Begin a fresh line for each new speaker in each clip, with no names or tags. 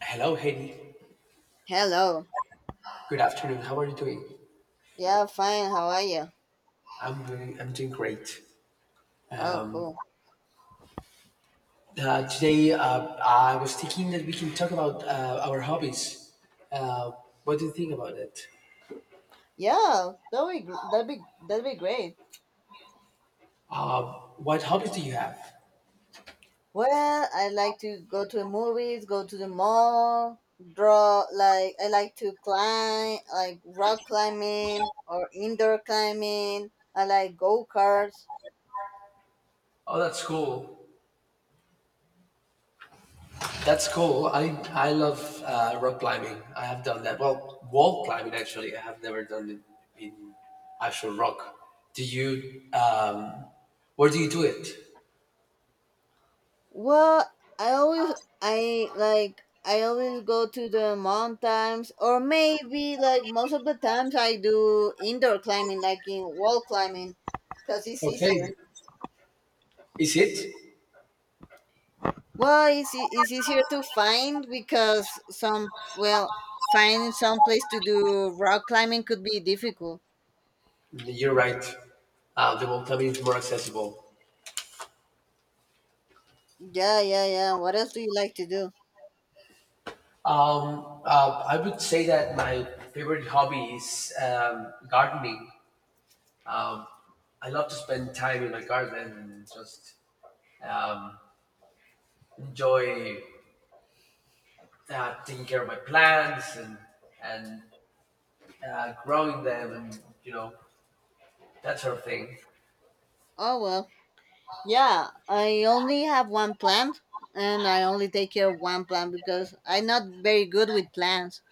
Hello, Heidi.
Hello.
Good afternoon. How are you doing?
Yeah, fine. How are you?
I'm doing great.
Oh,
Um,
cool.
Today, I was thinking that we can talk about our hobbies. Uh, what do you think about it?
Yeah, that'd be gr- that'd be great.
Uh, what hobbies do you have?
Well, I like to go to the movies, go to the mall, draw. Like I like to climb, like rock climbing or indoor climbing. I like go karts.
Oh, that's cool. That's cool. I love rock climbing. I have done that. Well, wall climbing actually. I have never done it in actual rock. Do you? Where do you do it?
Well, I always I like I always go to the mountains, or maybe like most of the times I do indoor climbing, like in wall climbing, because it's
Okay.
easier.
Is it?
Well, it's easier to find because some well finding some place to do rock climbing could be difficult.
You're right. The welcome is more accessible.
Yeah, yeah, yeah. What else do you like to do?
I would say that my favorite hobby is gardening. Um, I love to spend time in my garden and just um, enjoy taking care of my plants and growing them and that sort of thing.
Oh well, yeah. I only have one plant, and I only take care of one plant because I'm not very good with plants.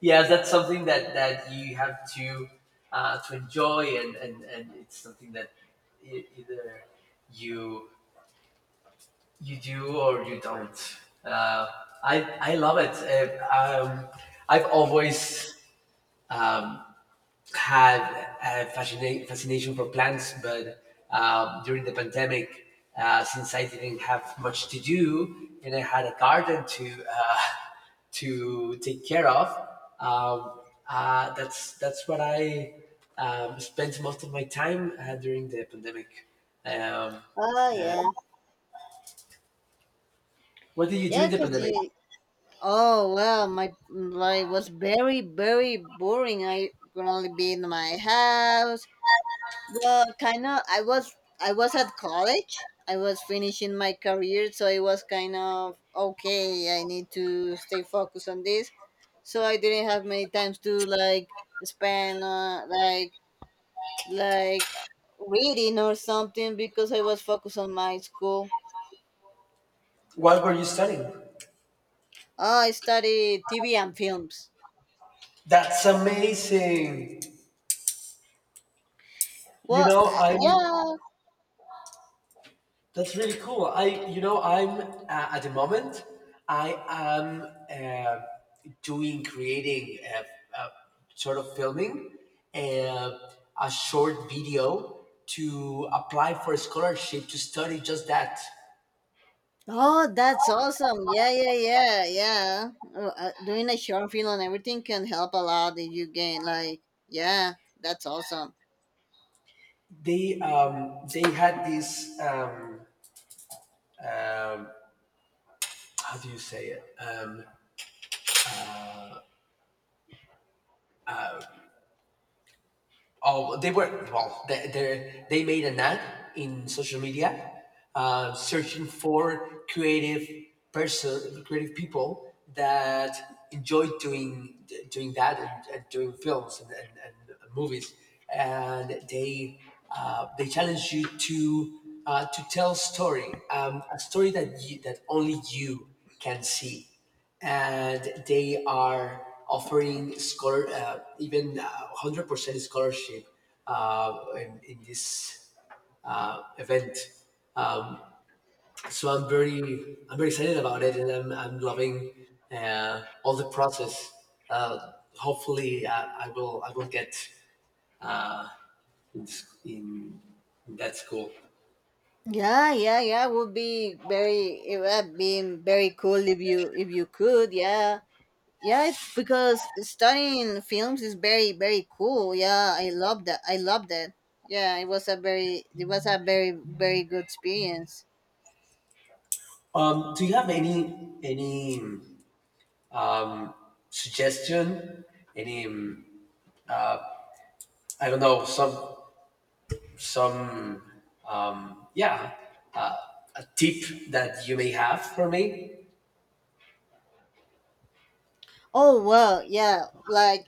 Yeah, that's something that you have to enjoy, and it's something that either you you do or you don't. Uh, I love it. I've always um, had a fascination for plants, but during the pandemic, since I didn't have much to do and I had a garden to to take care of, um, that's what I spent most of my time during the pandemic. Um,
Oh
uh,
yeah,
what did you do
yeah.
in the
Cause
pandemic?
you. Oh well, my life was very boring. I could only be in my house. Well, kind of. I was at college. I was finishing my career, so it was kind of okay. I need to stay focused on this, so I didn't have many times to like spend like like reading or something because I was focused on my school.
What were you studying?
Oh, I studied TV and films.
That's amazing. You
Well,
know, I'm.
yeah.
That's really cool. I, you know, I'm at the moment, I am uh, doing creating uh, sort of filming uh, a short video to apply for a scholarship to study just that.
Oh, that's awesome. Yeah, yeah, yeah, yeah. Doing a short film and everything can help a lot if you gain, like, yeah, that's awesome.
They had this um, how do you say it? Oh, they were well. They made an ad in social media, searching for creative people that enjoy doing that and doing films and movies. And they challenge you to a story that that only you can see, and they are offering scholar even, 100% scholarship in this event. So I'm very excited about it, and I'm loving all the process. Hopefully, I will get in, in, in that school.
Yeah, yeah, yeah. Would be very it would be very cool if you could. Yeah, yeah. It's because studying films is very cool. Yeah, I love that. I love that. Yeah, it was a very good experience.
Do you have any um, suggestion? Any I don't know, some um, yeah uh, a tip that you may have for me.
Oh well, yeah. Like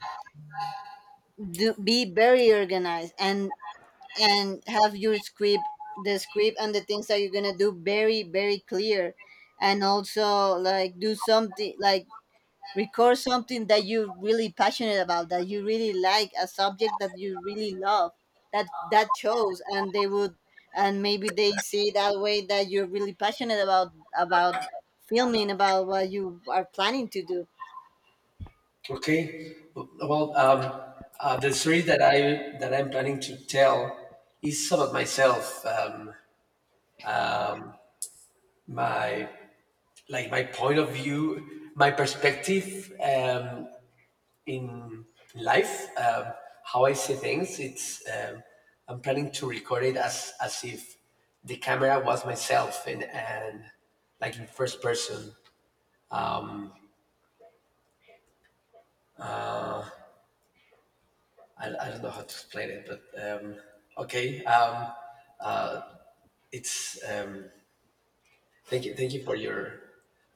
do, be very organized and have your script the script and the things that you're gonna do very clear, and also like do something like record something that you're really passionate about, that you really like, a subject that you really love, that that shows, and they would and maybe they see that way that you're really passionate about about filming, about what you are planning to do.
Okay, well, the story that I'm planning to tell is about myself. My, like, my point of view, my perspective, in life. How I see things. It's I'm planning to record it as if the camera was myself, and like, in first person. I don't know how to explain it, but um, okay. It's Thank you, thank you for your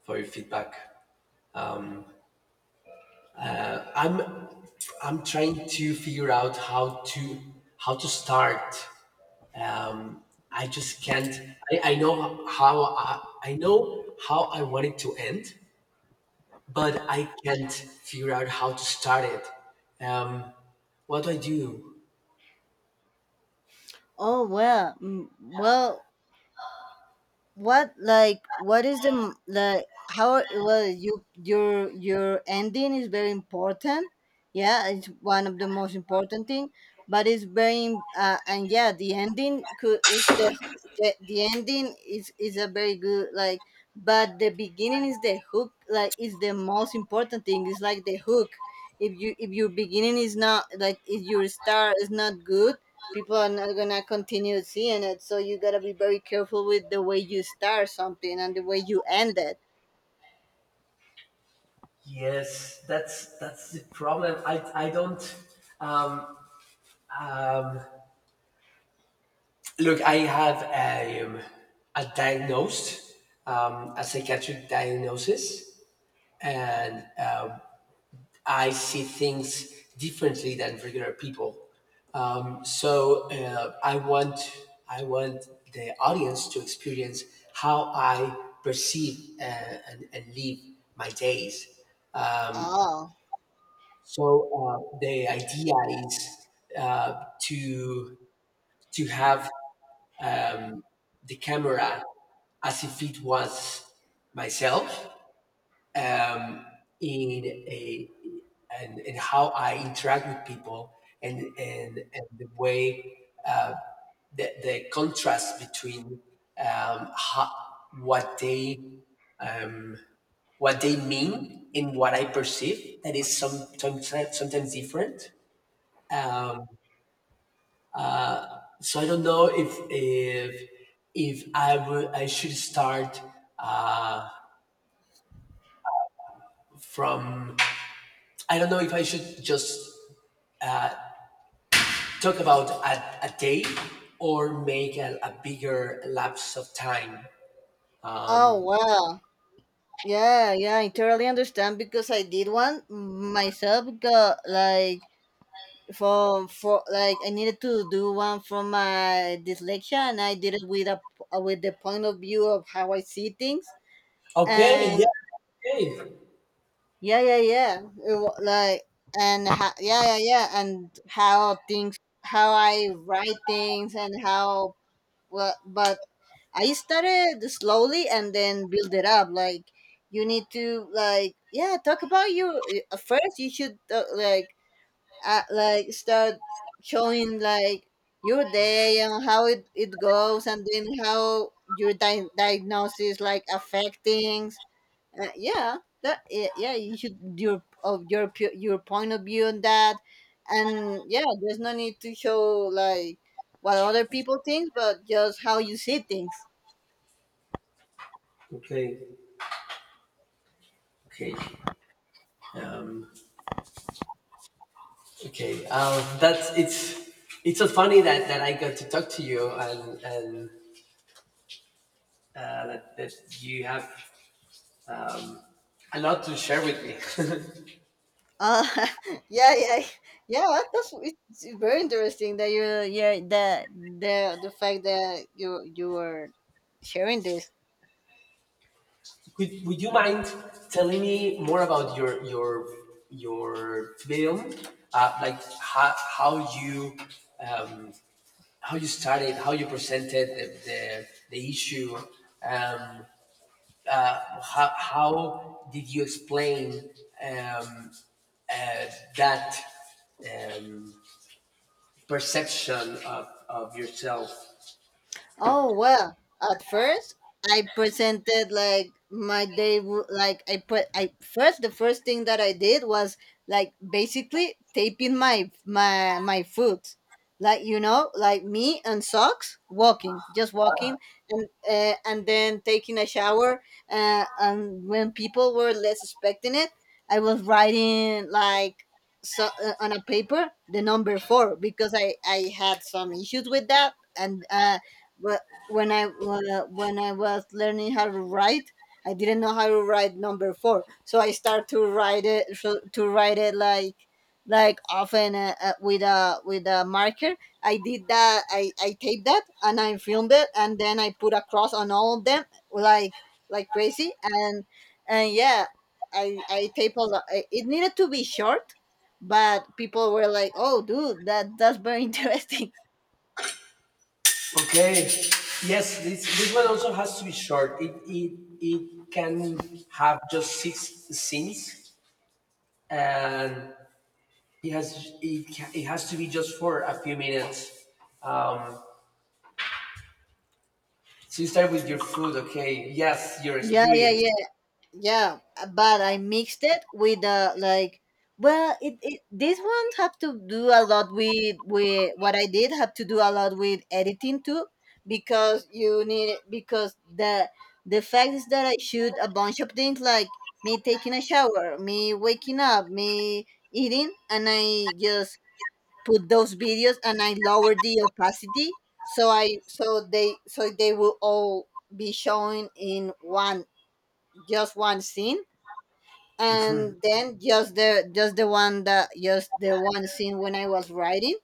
feedback. I'm I'm trying to figure out how to start. Um, I just can't. I know how I want it to end, but I can't figure out how to start it. What do I do?
Oh well, well, what like what is the like how, well, your ending is very important. Yeah, it's one of the most important thing, but it's very and yeah, the ending is a very good like, but the beginning is the hook, like is the most important thing, it's like the hook. If you if your beginning is not like, if your star is not good, people are not gonna continue seeing it. So you gotta be very careful with the way you start something and the way you end it.
Yes, that's the problem. I don't. Um, Um, Look, I have a diagnosed, a psychiatric diagnosis, and I see things differently than regular people. So I want the audience to experience how I perceive, and live my days. Um,
Oh,
So uh, the idea is uh, to to have, um, the camera as if it was myself, um, in a and how I interact with people, and the way, uh, the contrast between, um, how, what they, um, what they mean and what I perceive, that is sometimes different. So I don't know if I should start. Uh, from I don't know if I should just talk about a day, or make a bigger lapse of time.
oh, well, yeah, yeah, I totally understand because I did one myself. Got like for like I needed to do one from my dyslexia, and I did it with a with the point of view of how I see things.
Okay,
And
yeah. Okay,
yeah, yeah, yeah. Like and yeah, yeah, yeah, and how things, how I write things and how, well, but I started slowly and then build it up. Like you need to like, yeah, talk about you. First you should like start showing like your day and how it goes, and then how your diagnosis like affect things. Yeah, that yeah, yeah, you should your of your your point of view on that, and yeah, there's no need to show like what other people think, but just how you see things.
okay, okay, um, okay. That's It's so funny that I got to talk to you, and that you have um, a lot to share with me.
Uh, yeah, yeah, yeah. It's very interesting that you yeah, that the fact that you are sharing this.
Would you mind telling me more about your film? Like, you um, how you started, how you presented the issue, um, how did you explain, um, uh, that, um, perception of yourself.
Oh well, at first I presented like my day. Wo- like I put I first the first thing that I did was like basically taping my my foot. Like you know, like me and socks walking, just walking, and then taking a shower, and when people were less expecting it, I was writing like so, on a paper the number 4, because I had some issues with that. And but when I was learning how to write, I didn't know how to write number four, so I start to write it so, to write it like often with a marker. I did that. I taped that and I filmed it, and then I put a cross on all of them like crazy, and yeah, I taped a lot. It needed to be short, but people were like, "Oh, dude, that's very interesting."
Okay. Yes, this one also has to be short. It can have just six scenes, and it has it has to be just for a few minutes. Um, so you start with your food, okay? Yes, your
Yeah, yeah,
experience.
yeah. Yeah, but I mixed it with like, well it, this one have to do a lot with what I did, have to do a lot with editing too, because you need, because the fact is that I shoot a bunch of things like me taking a shower, me waking up, me eating, and I just put those videos and I lower the opacity so I so they will all be showing in one, just one scene. And then just the one scene when I was writing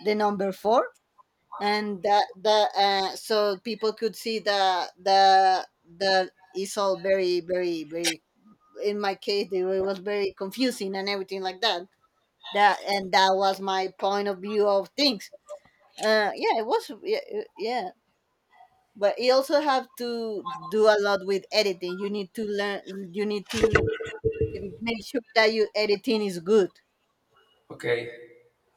the number four, and that the so people could see the is all very in my case it was very confusing and everything like that. That and that was my point of view of things. Yeah, it was yeah, it- Yeah. But you also have to do a lot with editing. You need to learn. You need to make sure that your editing is good.
Okay,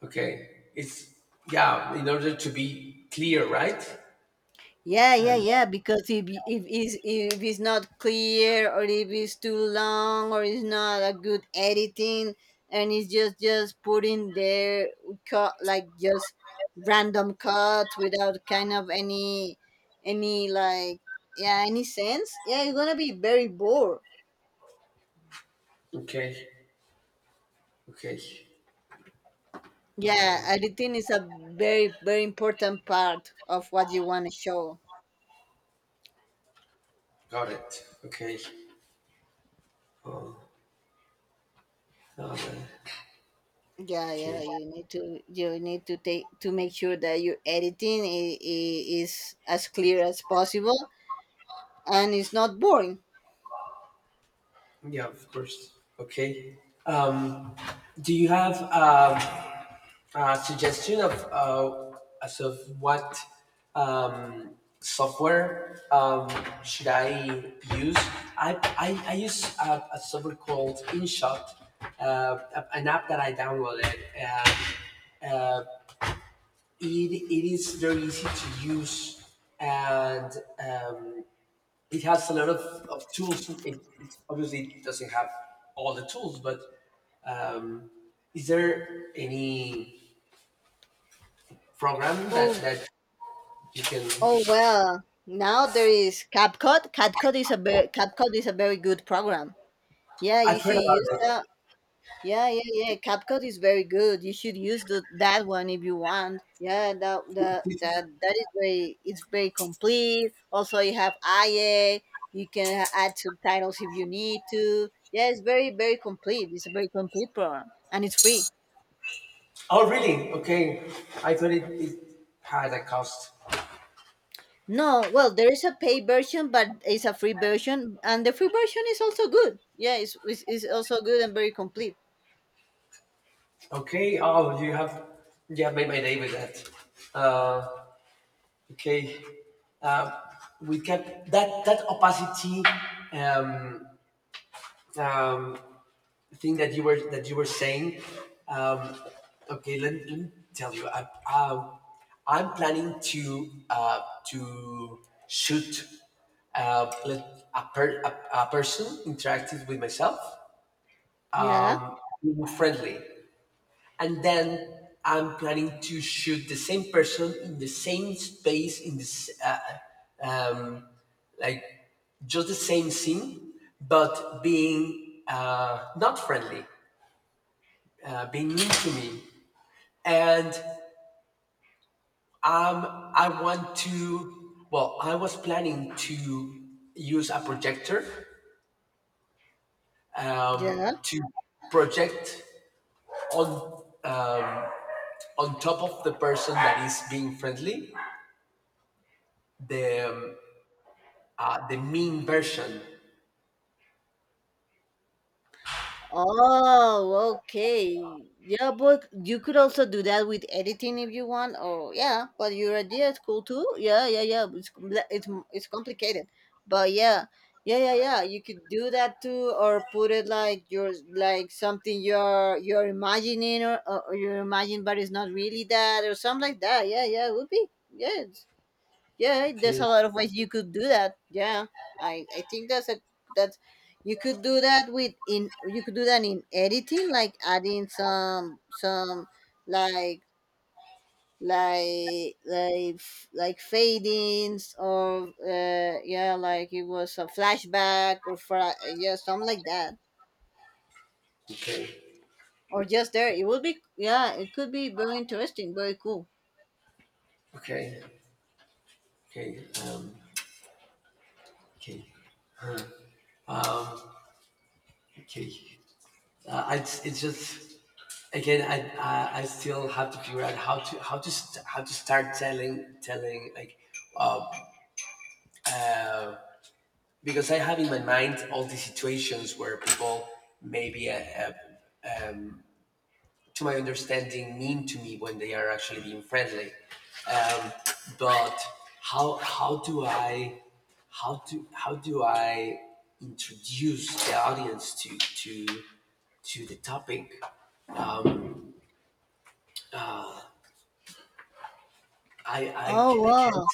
okay. In order to be clear, right?
Yeah, yeah,
And
yeah. Because if y- if is if it's not clear, or if it's too long, or it's not a good editing, and it's just putting there cut, like just random cuts without kind of any any like yeah, any sense. Yeah, it's gonna be very bored.
okay, okay,
Yeah, editing is a very important part of what you want to show.
got it. Okay, um,
Yeah, yeah,
okay.
you need to take to make sure that your editing is as clear as possible and it's not boring.
Yeah, of course. Okay. Um, do you have a suggestion of as of what um, software should I use? I use a software called InShot, uh, an app that I downloaded. Uh, it is very easy to use, and um, it has a lot of tools. It obviously doesn't have all the tools, but um, is there any program
Oh,
that you can?
oh, well. Now there is CapCut. CapCut is a very good program. Yeah, you
I've
should
heard
use
about
that. Yeah, yeah, yeah. CapCut is very good. You should use that one if you want. Yeah,
it.
that is very, it's very complete. Also, you have IA. You can add subtitles if you need to. Yeah, it's very complete. It's a very complete program and it's free.
Oh, really? Okay. I thought it had a cost.
No, well, there is a paid version, but it's a free version, and the free version is also good. Yeah, it's also good and very complete.
Okay. Oh, you have made my day with that. Uh, okay. Uh, we kept that opacity um, um, thing that you were saying. Um, okay, let me tell you. I'm planning to to shoot, a person interacting with myself,
Yeah,
um, friendly, and then I'm planning to shoot the same person in the same space in this, like, just the same scene, but being, not friendly, being mean to me. And I want to. Well, I was planning to use a projector,
yeah.
to project on, on top of the person that is being friendly, the um, the mean version.
Oh, okay. Yeah, but you could also do that with editing if you want. Or yeah, but your idea is cool too. Yeah, yeah, yeah. It's complicated, but yeah, yeah, yeah, yeah. You could do that too, or put it like you're like something you're imagining, or or you're imagining, but it's not really that, or something like that. Yeah, yeah. It would be yeah, yeah, there's
Okay,
a lot of ways you could do that. Yeah, I think that's a that's you could do that with in you could do that in editing, like adding some like like fadings, or yeah, like it was a flashback or yeah, something like that,
okay,
or just there. It would be yeah, it could be very interesting, very cool.
okay, okay, okay, okay. I, it's just, again, I still have to figure out how to how to start telling like. Uh, because I have in my mind all these situations where people, maybe, to my understanding, mean to me when they are actually being friendly. Um, but how how do I how do I introduce the audience to the topic? Um,
Oh
I can't.
wow.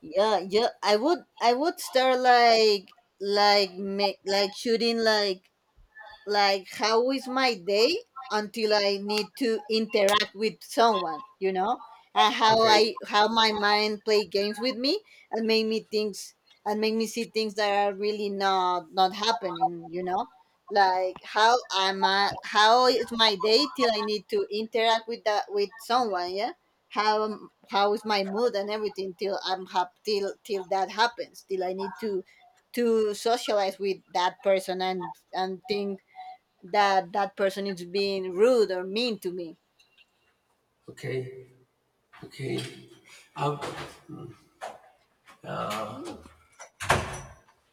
Yeah, yeah. I would start like make like shooting like how is my day until I need to interact with someone, you know, and
Okay,
how my mind play games with me and make me things and make me see things that are really not happening, you know. Like how am I how is my day till I need to interact with that, with someone. Yeah, how is my mood and everything till till that happens, till I need to socialize with that person, and things that that person is being rude or mean to me.
okay, okay. Um,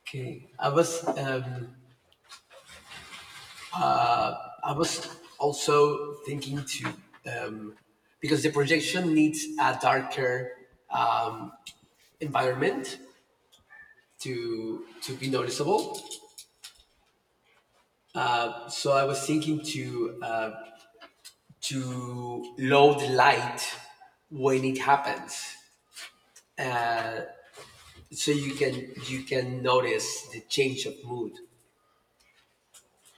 okay, I was. Um, I was also thinking to, um, because the projection needs a darker environment to be noticeable. So I was thinking to, to load light when it happens, so you can notice the change of mood.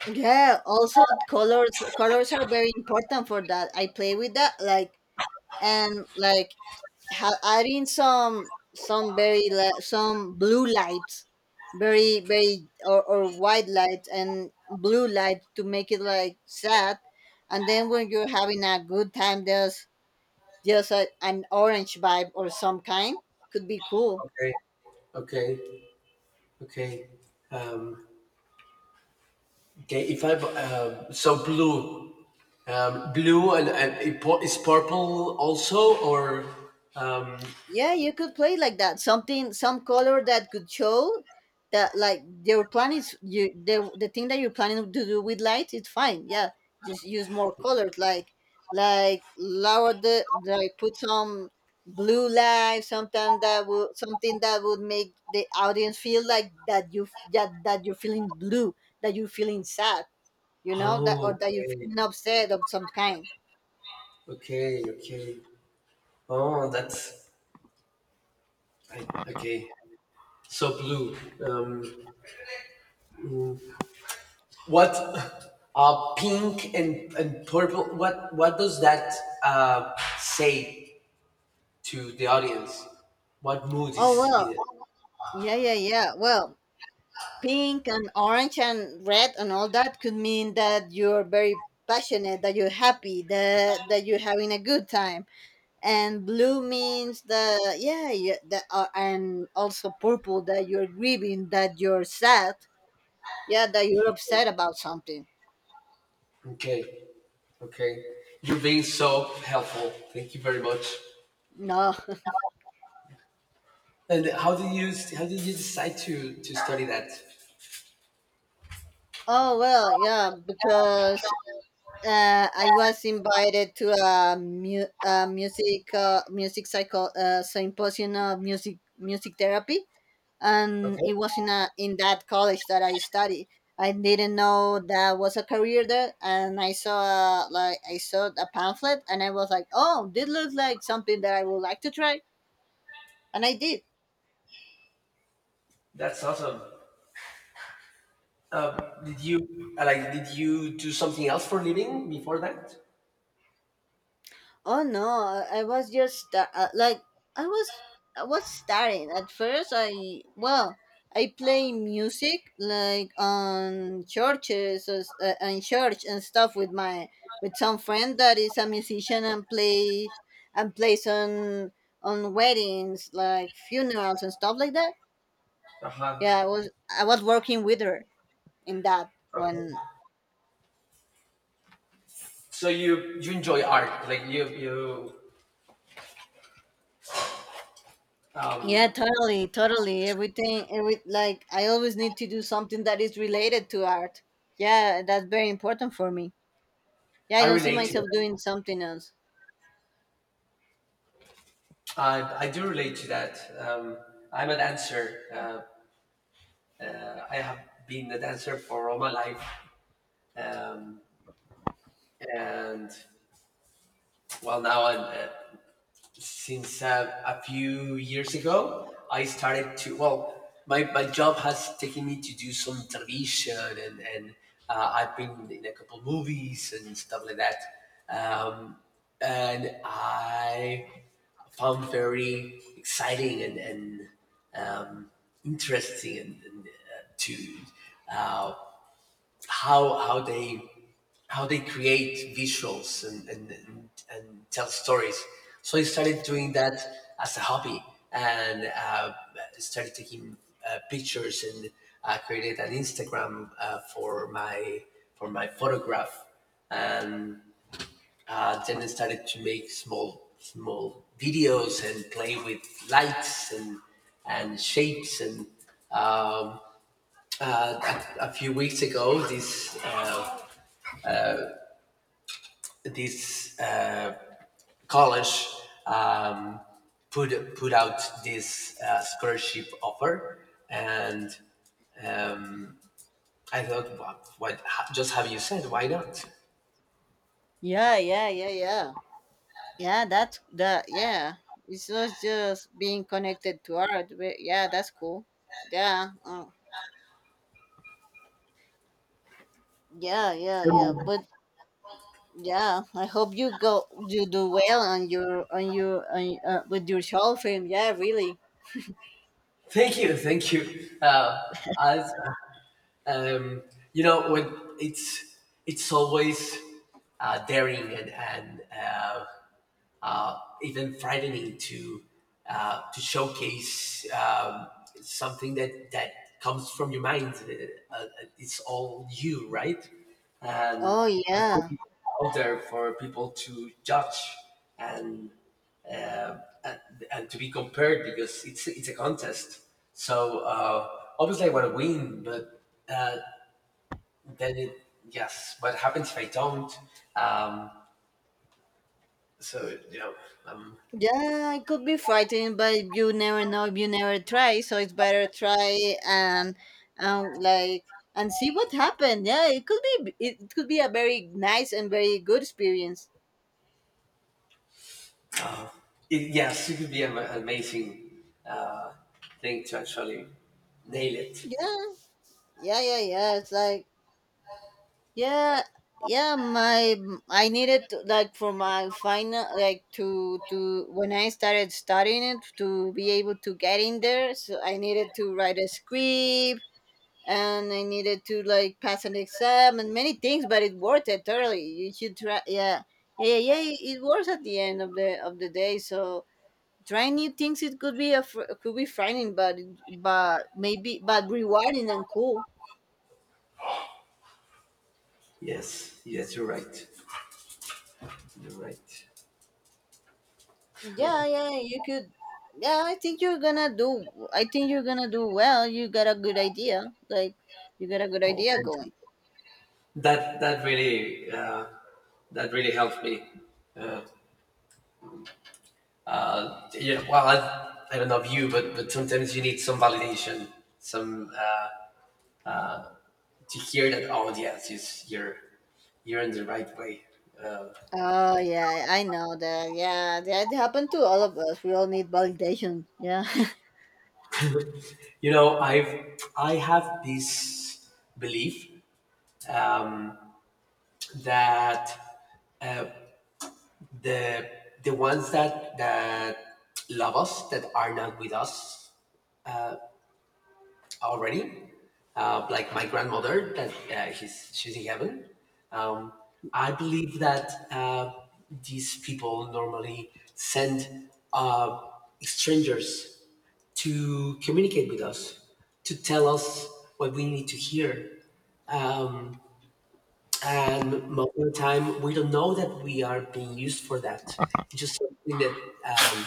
Yeah. Also, colors are very important for that. I play with that, like and like adding some some blue lights, very very or white lights and blue light to make it like sad. And then when you're having a good time, there's just a, an orange vibe, or some kind, could be cool.
Okay, okay, okay, okay. If I So blue, blue, and is purple also, or. um,
Yeah, you could play like that. Something, some color that could show that, like, your plan is you the thing that you're planning to do with light. It's fine. Yeah, just use more colors, like lower the like put some blue light, something that would make the audience feel like that you're feeling blue, that you're feeling sad, that
Oh,
or that you're
okay,
feeling upset of some kind.
okay, okay. Oh, that's okay. So blue. Um, what pink and purple? What does that uh, say to the audience? What mood
Oh
is
well,
it?
yeah. Well, pink and orange and red and all that could mean that you're very passionate, that you're happy, that you're having a good time, and blue means the yeah, yeah the, and also purple, that you're grieving, that you're sad, yeah, that you're upset about something.
Okay, okay. You're being so helpful. Thank you very much.
No.
And how did you decide to study that?
Oh well, yeah, because I was invited to a music music cycle symposium of music therapy, and
Okay,
it was in a in that college that I studied. I didn't know that was a career there, and I saw like I saw a pamphlet, and I was like, "Oh, this looks like something that I would like to try," and I did.
that's awesome. Did you like? Did you do something else for a living before that?
Oh no, I was just like I was, I was starting. At first, I, well, I play music like on churches, or, s- and church and stuff with my, with some friend that is a musician, and plays, and plays on weddings, like funerals and stuff like that.
Uh huh.
Yeah, I was working with her in that when.
Okay. So you enjoy art, like you.
Yeah, totally. Everything, every, like, I always need to do something that is related to art. Yeah, that's very important for me. Yeah, I
I
don't see
relate to that.
myself doing something else.
I do relate to that. I'm a dancer. I have been a dancer for all my life, um, and well, now, I'm since, a few years ago, I started to. Well, my job has taken me to do some television, and I've been in a couple movies and stuff like that, um, and I found very exciting, and um, interesting, and to uh, how how they how they create visuals, and tell stories. So I started doing that as a hobby, and started taking pictures, and I created an Instagram for my photograph, and then I started to make small videos and play with lights and shapes, and uh, a few weeks ago this, this, college, um, put out this, scholarship offer, and I thought, what just have you said? Why not?
Yeah. Yeah, that's that. Yeah, it's not just being connected to art. But yeah, that's cool. Yeah, yeah. But yeah, I hope you go, you do well on with your short film. Yeah, really.
Thank you, thank you. As, um, when it's it's always daring, and even frightening to, to showcase, something that comes from your mind. It's all you, right? And
Oh
I'm
yeah.
putting it out there for people to judge, and uh, and, and to be compared, because it's a contest. So, obviously I want to win, but uh, then it yes, what happens if I don't? Um, so you know, um,
Yeah, it could be frightening, but you never know if you never try. So it's better try and um like see what happened. Yeah, it could be a very nice and very good experience.
it, yes, it would be an amazing thing to actually nail it.
Yeah, yeah. It's like yeah, yeah. My, I needed to, like, for my final, like, to when I started studying it, to be able to get in there. So I needed to write a script, and I needed to like pass an exam and many things, but it worth it totally. You should try. Yeah, yeah, it it works at the end of the day. So trying new things, it could be frightening, but but maybe but rewarding and cool.
Yes, yes, you're right. You're right.
Yeah, yeah. You could. Yeah, I think you're gonna do. I think you're gonna do well. You got a good idea. Like you got a good
Oh,
idea
thank
going.
you. That really that really helped me. Uh, yeah. Well, I don't know you, but sometimes you need some validation, some to hear that. Oh, yes, it's, you're in the right way. Uh,
Oh yeah, I know that. Yeah, that happened to all of us. We all need validation. Yeah.
you know, I have this belief. Um, that uh, the ones that love us that are not with us already, like my grandmother that she's in heaven. Um, I believe that these people normally send strangers to communicate with us, to tell us what we need to hear Um, And most of the time, we don't know that we are being used for that. It's just something that uh,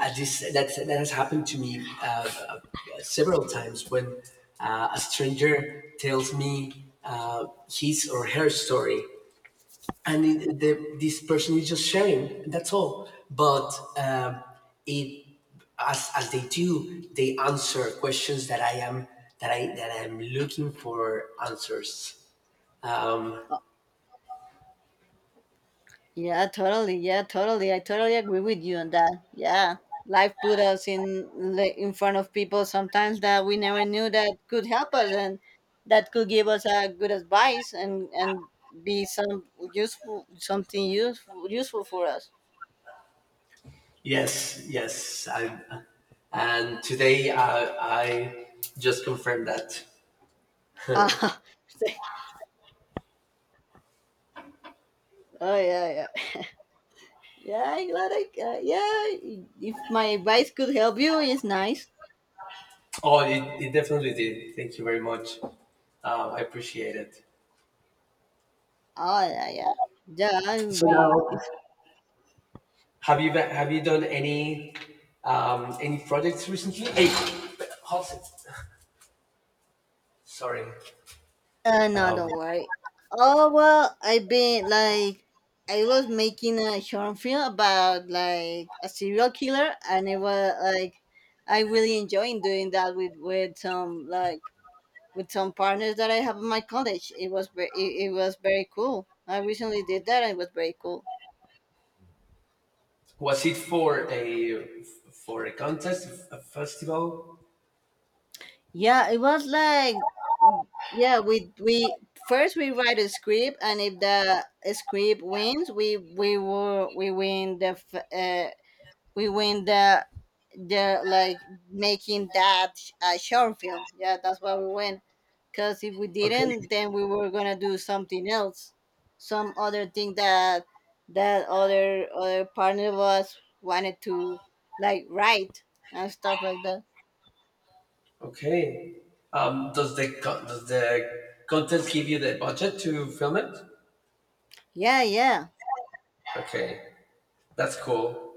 I just, that, that has happened to me uh, several times when a stranger tells me his or her story. And this person is just sharing, that's all. But um it as, they answer questions that I am that I that I'm looking for answers. Um,
Yeah, totally. Yeah, totally. I totally agree with you on that. Yeah. Life put us in in front of people sometimes that we never knew that could help us, and that could give us a good advice, and be some useful, something useful, useful for us.
Yes, yes. And today I just confirmed that.
Ah, oh yeah, yeah. Yeah, I'm glad I yeah, if my advice could help you, it's nice.
Oh, it definitely did. Thank you very much. I appreciate it.
Oh yeah, yeah. Yeah, it would
So
be.
now, have you done any projects recently? Hey, how's it? Sorry.
No,
Um,
don't worry. Oh well, I've been like, I was making a short film about like a serial killer, and it was like, I really enjoying doing that with some like, with some partners that I have in my college. It was very, it was very cool. I recently did that, and it was very cool.
was it for a contest, a festival?
Yeah, it was like, yeah, we first we write a script, and if the script wins, we win we win the, like making short film, yeah, that's why we win, because if we
Okay,
didn't, then we were gonna do something else, some other thing that, that other partner of us wanted to like write and stuff like that.
okay. Does the contest give you the budget to film it?
Yeah, yeah,
Okay, that's cool.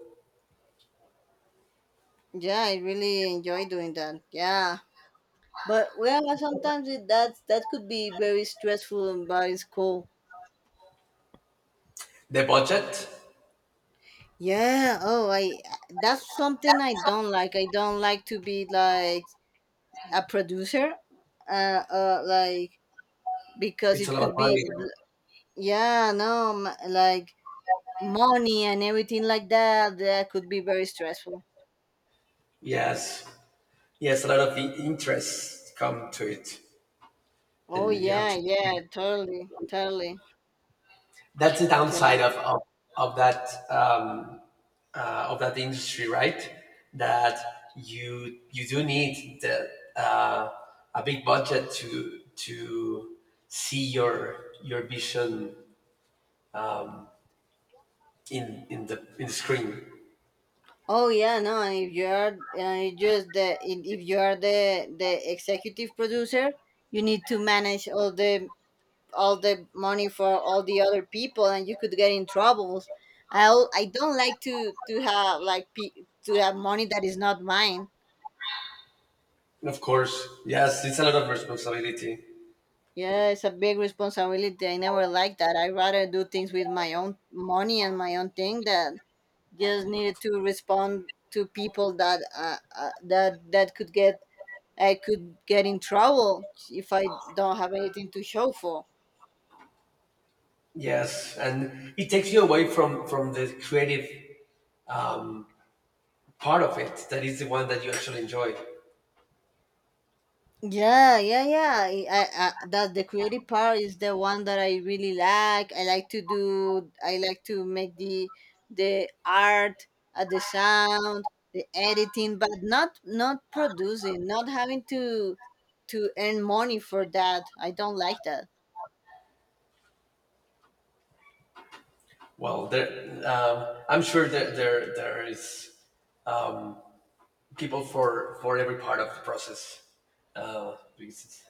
yeah, I really enjoy doing that, yeah, but well sometimes it, that that could be very stressful, but it's cool.
The budget,
Yeah. Oh, I. That's something I don't like. I don't like to be like a producer. Uh, uh like because
it's a
it
lot of
could
money.
be. Yeah. No. Like money and everything like that. That could be very stressful.
Yes, yes, a lot of the interest come to it,
Oh
and you have
yeah.
to.
Yeah. Totally. Totally.
That's the downside
Yeah.
of that um, of that industry, right? That you do need the, uh, a big budget to see your vision in the screen.
Oh yeah. No. And if you are, just the if you are the executive producer, you need to manage all the, all the money for all the other people, and you could get in troubles. I don't like to have like to have money that is not mine.
And of course, yes, it's a lot of responsibility.
Yeah, it's a big responsibility. I never like that. I rather do things with my own money and my own thing. That just needed to respond to people that that could get, I could get in trouble if I don't have anything to show for.
Yes, and it takes you away from the creative part of it. That is the one that you actually enjoy.
Yeah, yeah, yeah. That the creative part is the one that I really like. I like to do. I like to make the art, the sound, the editing, but not, not producing, not having to earn money for that. I don't like that.
Well, there, I'm sure that there is um, people for every part of the process. Uh, because it's-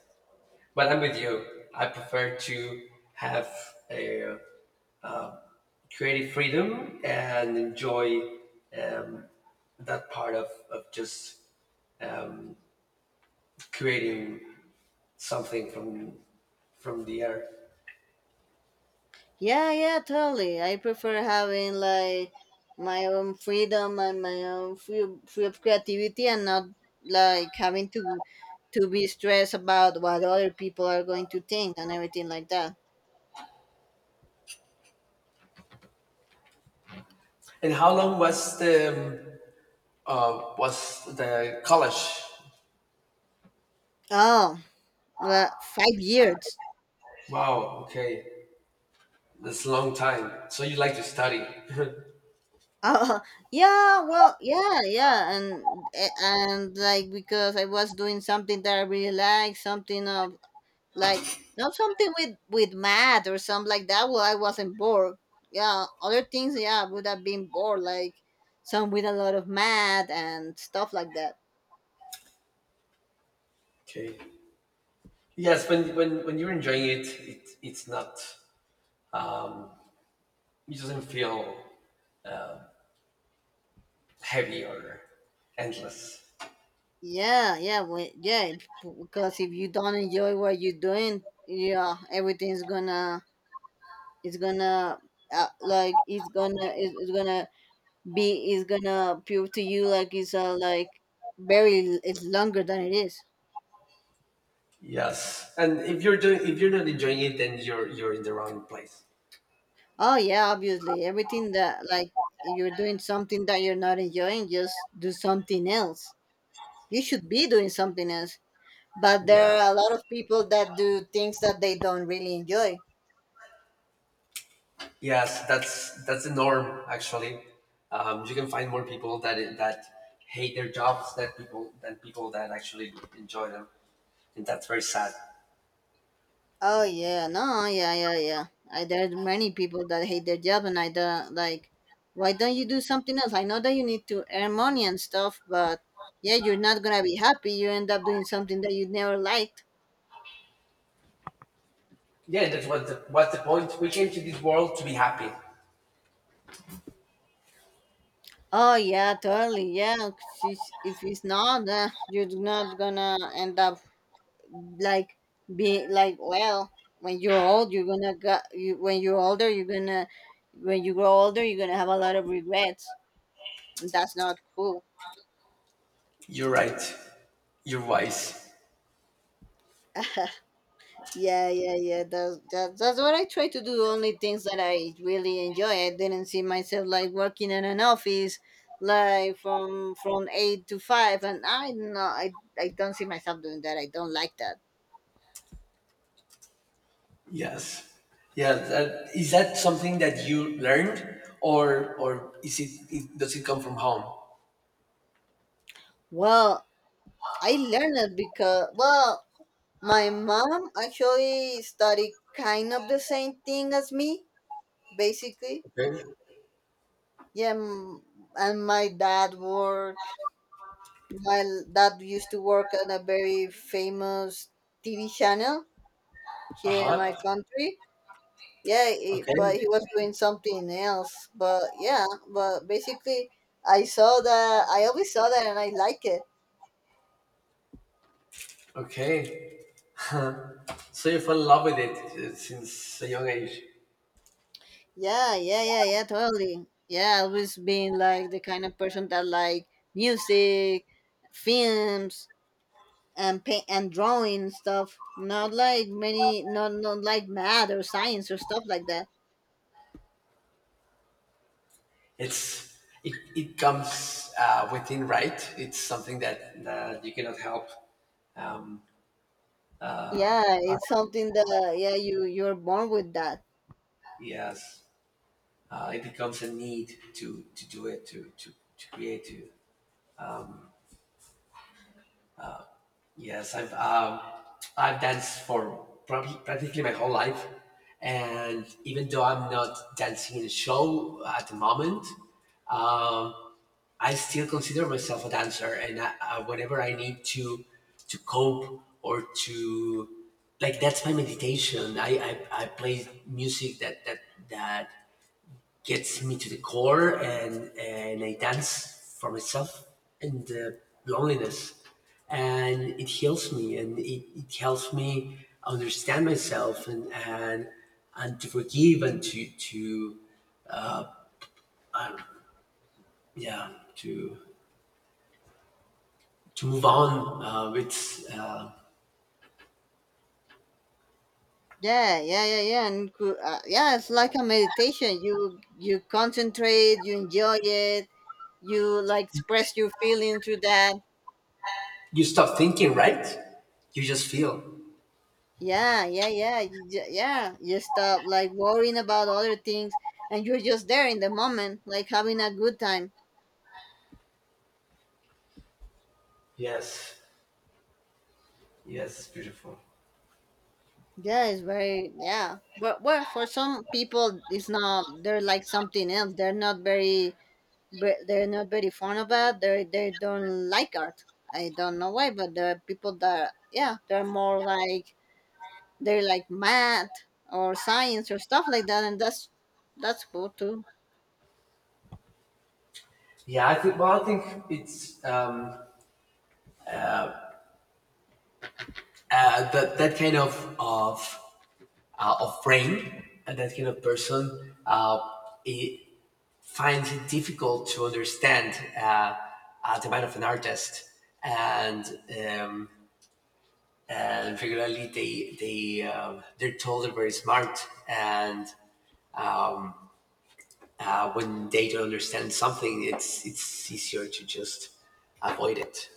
but I'm with you. I prefer to have a creative freedom and enjoy um, that part of just um, creating something from the air.
Yeah, yeah, totally. I prefer having like my own freedom and my own free of creativity and not like having to be stressed about what other people are going to think and everything like that.
And how long was the college?
Oh, well, 5 years.
Wow. Okay, that's a long time. So you like to study?
Oh, yeah. Well, and like because I was doing something that I really like, something of like, not something with math or something like that. Well, I wasn't bored. Yeah, other things, yeah, I would have been bored like some with a lot of math and stuff like that.
okay. Yes, when you're enjoying it, it it's not. It doesn't feel heavy or endless.
Yeah, because if you don't enjoy what you're doing, yeah, everything's gonna, it's gonna, it's gonna, it's gonna be, it's gonna appear to you like it's, very, it's longer than it is.
Yes, and if you're not enjoying it, then you're in the wrong place.
Oh yeah, obviously. Everything that like, you're doing something that you're not enjoying, just do something else. You should be doing something else. But there
Yeah.
are a lot of people that do things that they don't really enjoy.
Yes, that's the norm actually. You can find more people that hate their jobs than people that actually enjoy them, and that's very sad.
Oh yeah, no, yeah. I, there are many people that hate their job, and I don't like. Why don't you do something else? I know that you need to earn money and stuff, but yeah, you're not gonna be happy. You end up doing something that you never like.
Yeah, what's the point. We came to this world to be happy.
Oh yeah, totally. Yeah, she's, if it's not, you're not gonna end up like being like well. When you're old, you're gonna go, you, when you're older, you're gonna, when you grow older, you're gonna have a lot of regrets, and that's not cool.
You're right. You're wise.
Yeah that's what I try to do. Only things that I really enjoy. I didn't see myself like working in an office, like from eight to five. And I, no, I don't see myself doing that. I don't like that.
Yes. Yeah. That, is that something that you learned, or is it, it does it come from home?
Well, I learned it because, well, my mom actually studied kind of the same thing as me, basically.
Okay.
Yeah, m- and my dad worked, my dad used to work on a very famous TV channel
Uh
here in my
huh.
country. Yeah, he,
Okay.
but he was doing something else. But yeah, but basically, I saw that, I always saw that, and I like it.
Okay. So you fell in love with it since a young age.
Yeah, totally. Yeah, I always been like the kind of person that like music, films, and paint and drawing stuff. Not like many, not like math or science or stuff like that.
It comes within, right? It's something that, that you cannot help.
Yeah, it's something that, yeah, you you're born with that.
Yes, it becomes a need to do it to create. Yes, I've um, I've danced for probably practically my whole life, and even though I'm not dancing in a show at the moment, um, I still consider myself a dancer, and whenever I need to cope or to like that's my meditation. I play music that gets me to the core, and I dance for myself and the loneliness, and it heals me, and it helps me understand myself, and to forgive and to yeah to move on. It's
Yeah, it's like a meditation. You concentrate, you enjoy it, you like express your feeling through that.
You stop thinking, right? You just feel.
Yeah. You stop like worrying about other things, and you're just there in the moment, like having a good time.
Yes, yes, it's beautiful.
Yeah, it's very yeah. But well, for some people, it's not. They're like something else. They're not very fond of it. They don't like art. I don't know why, but there are people that yeah, they're more like, they're like math or science or stuff like that, and that's cool too.
Yeah, I think. Well, I think it's that that kind of of brain and that kind of person. It finds it difficult to understand the mind of an artist, and um, and regularly they're told they're very smart and um, when they don't understand something, it's easier to just avoid it.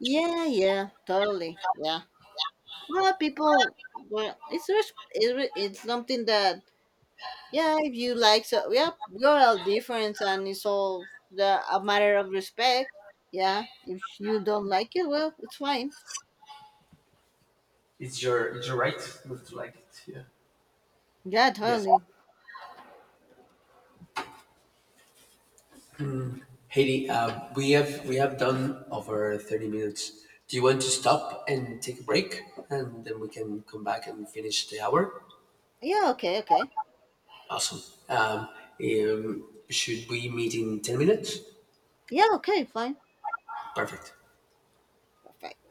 Yeah, yeah, totally. Yeah. Well, people, well, it's res- it, re- it's something that, yeah, if you like, so yeah, we're all different, and it's all the a matter of respect. Yeah, if you don't like it, well, it's fine.
It's your right not to like it. Yeah.
Yeah,
Yes.
totally.
Heidi, we have done over 30 minutes. Do you want to stop and take a break, and then we can come back and finish the hour?
Yeah, okay, okay.
Awesome. Um, should we meet in 10 minutes?
Yeah, okay, fine,
Perfect.
perfect.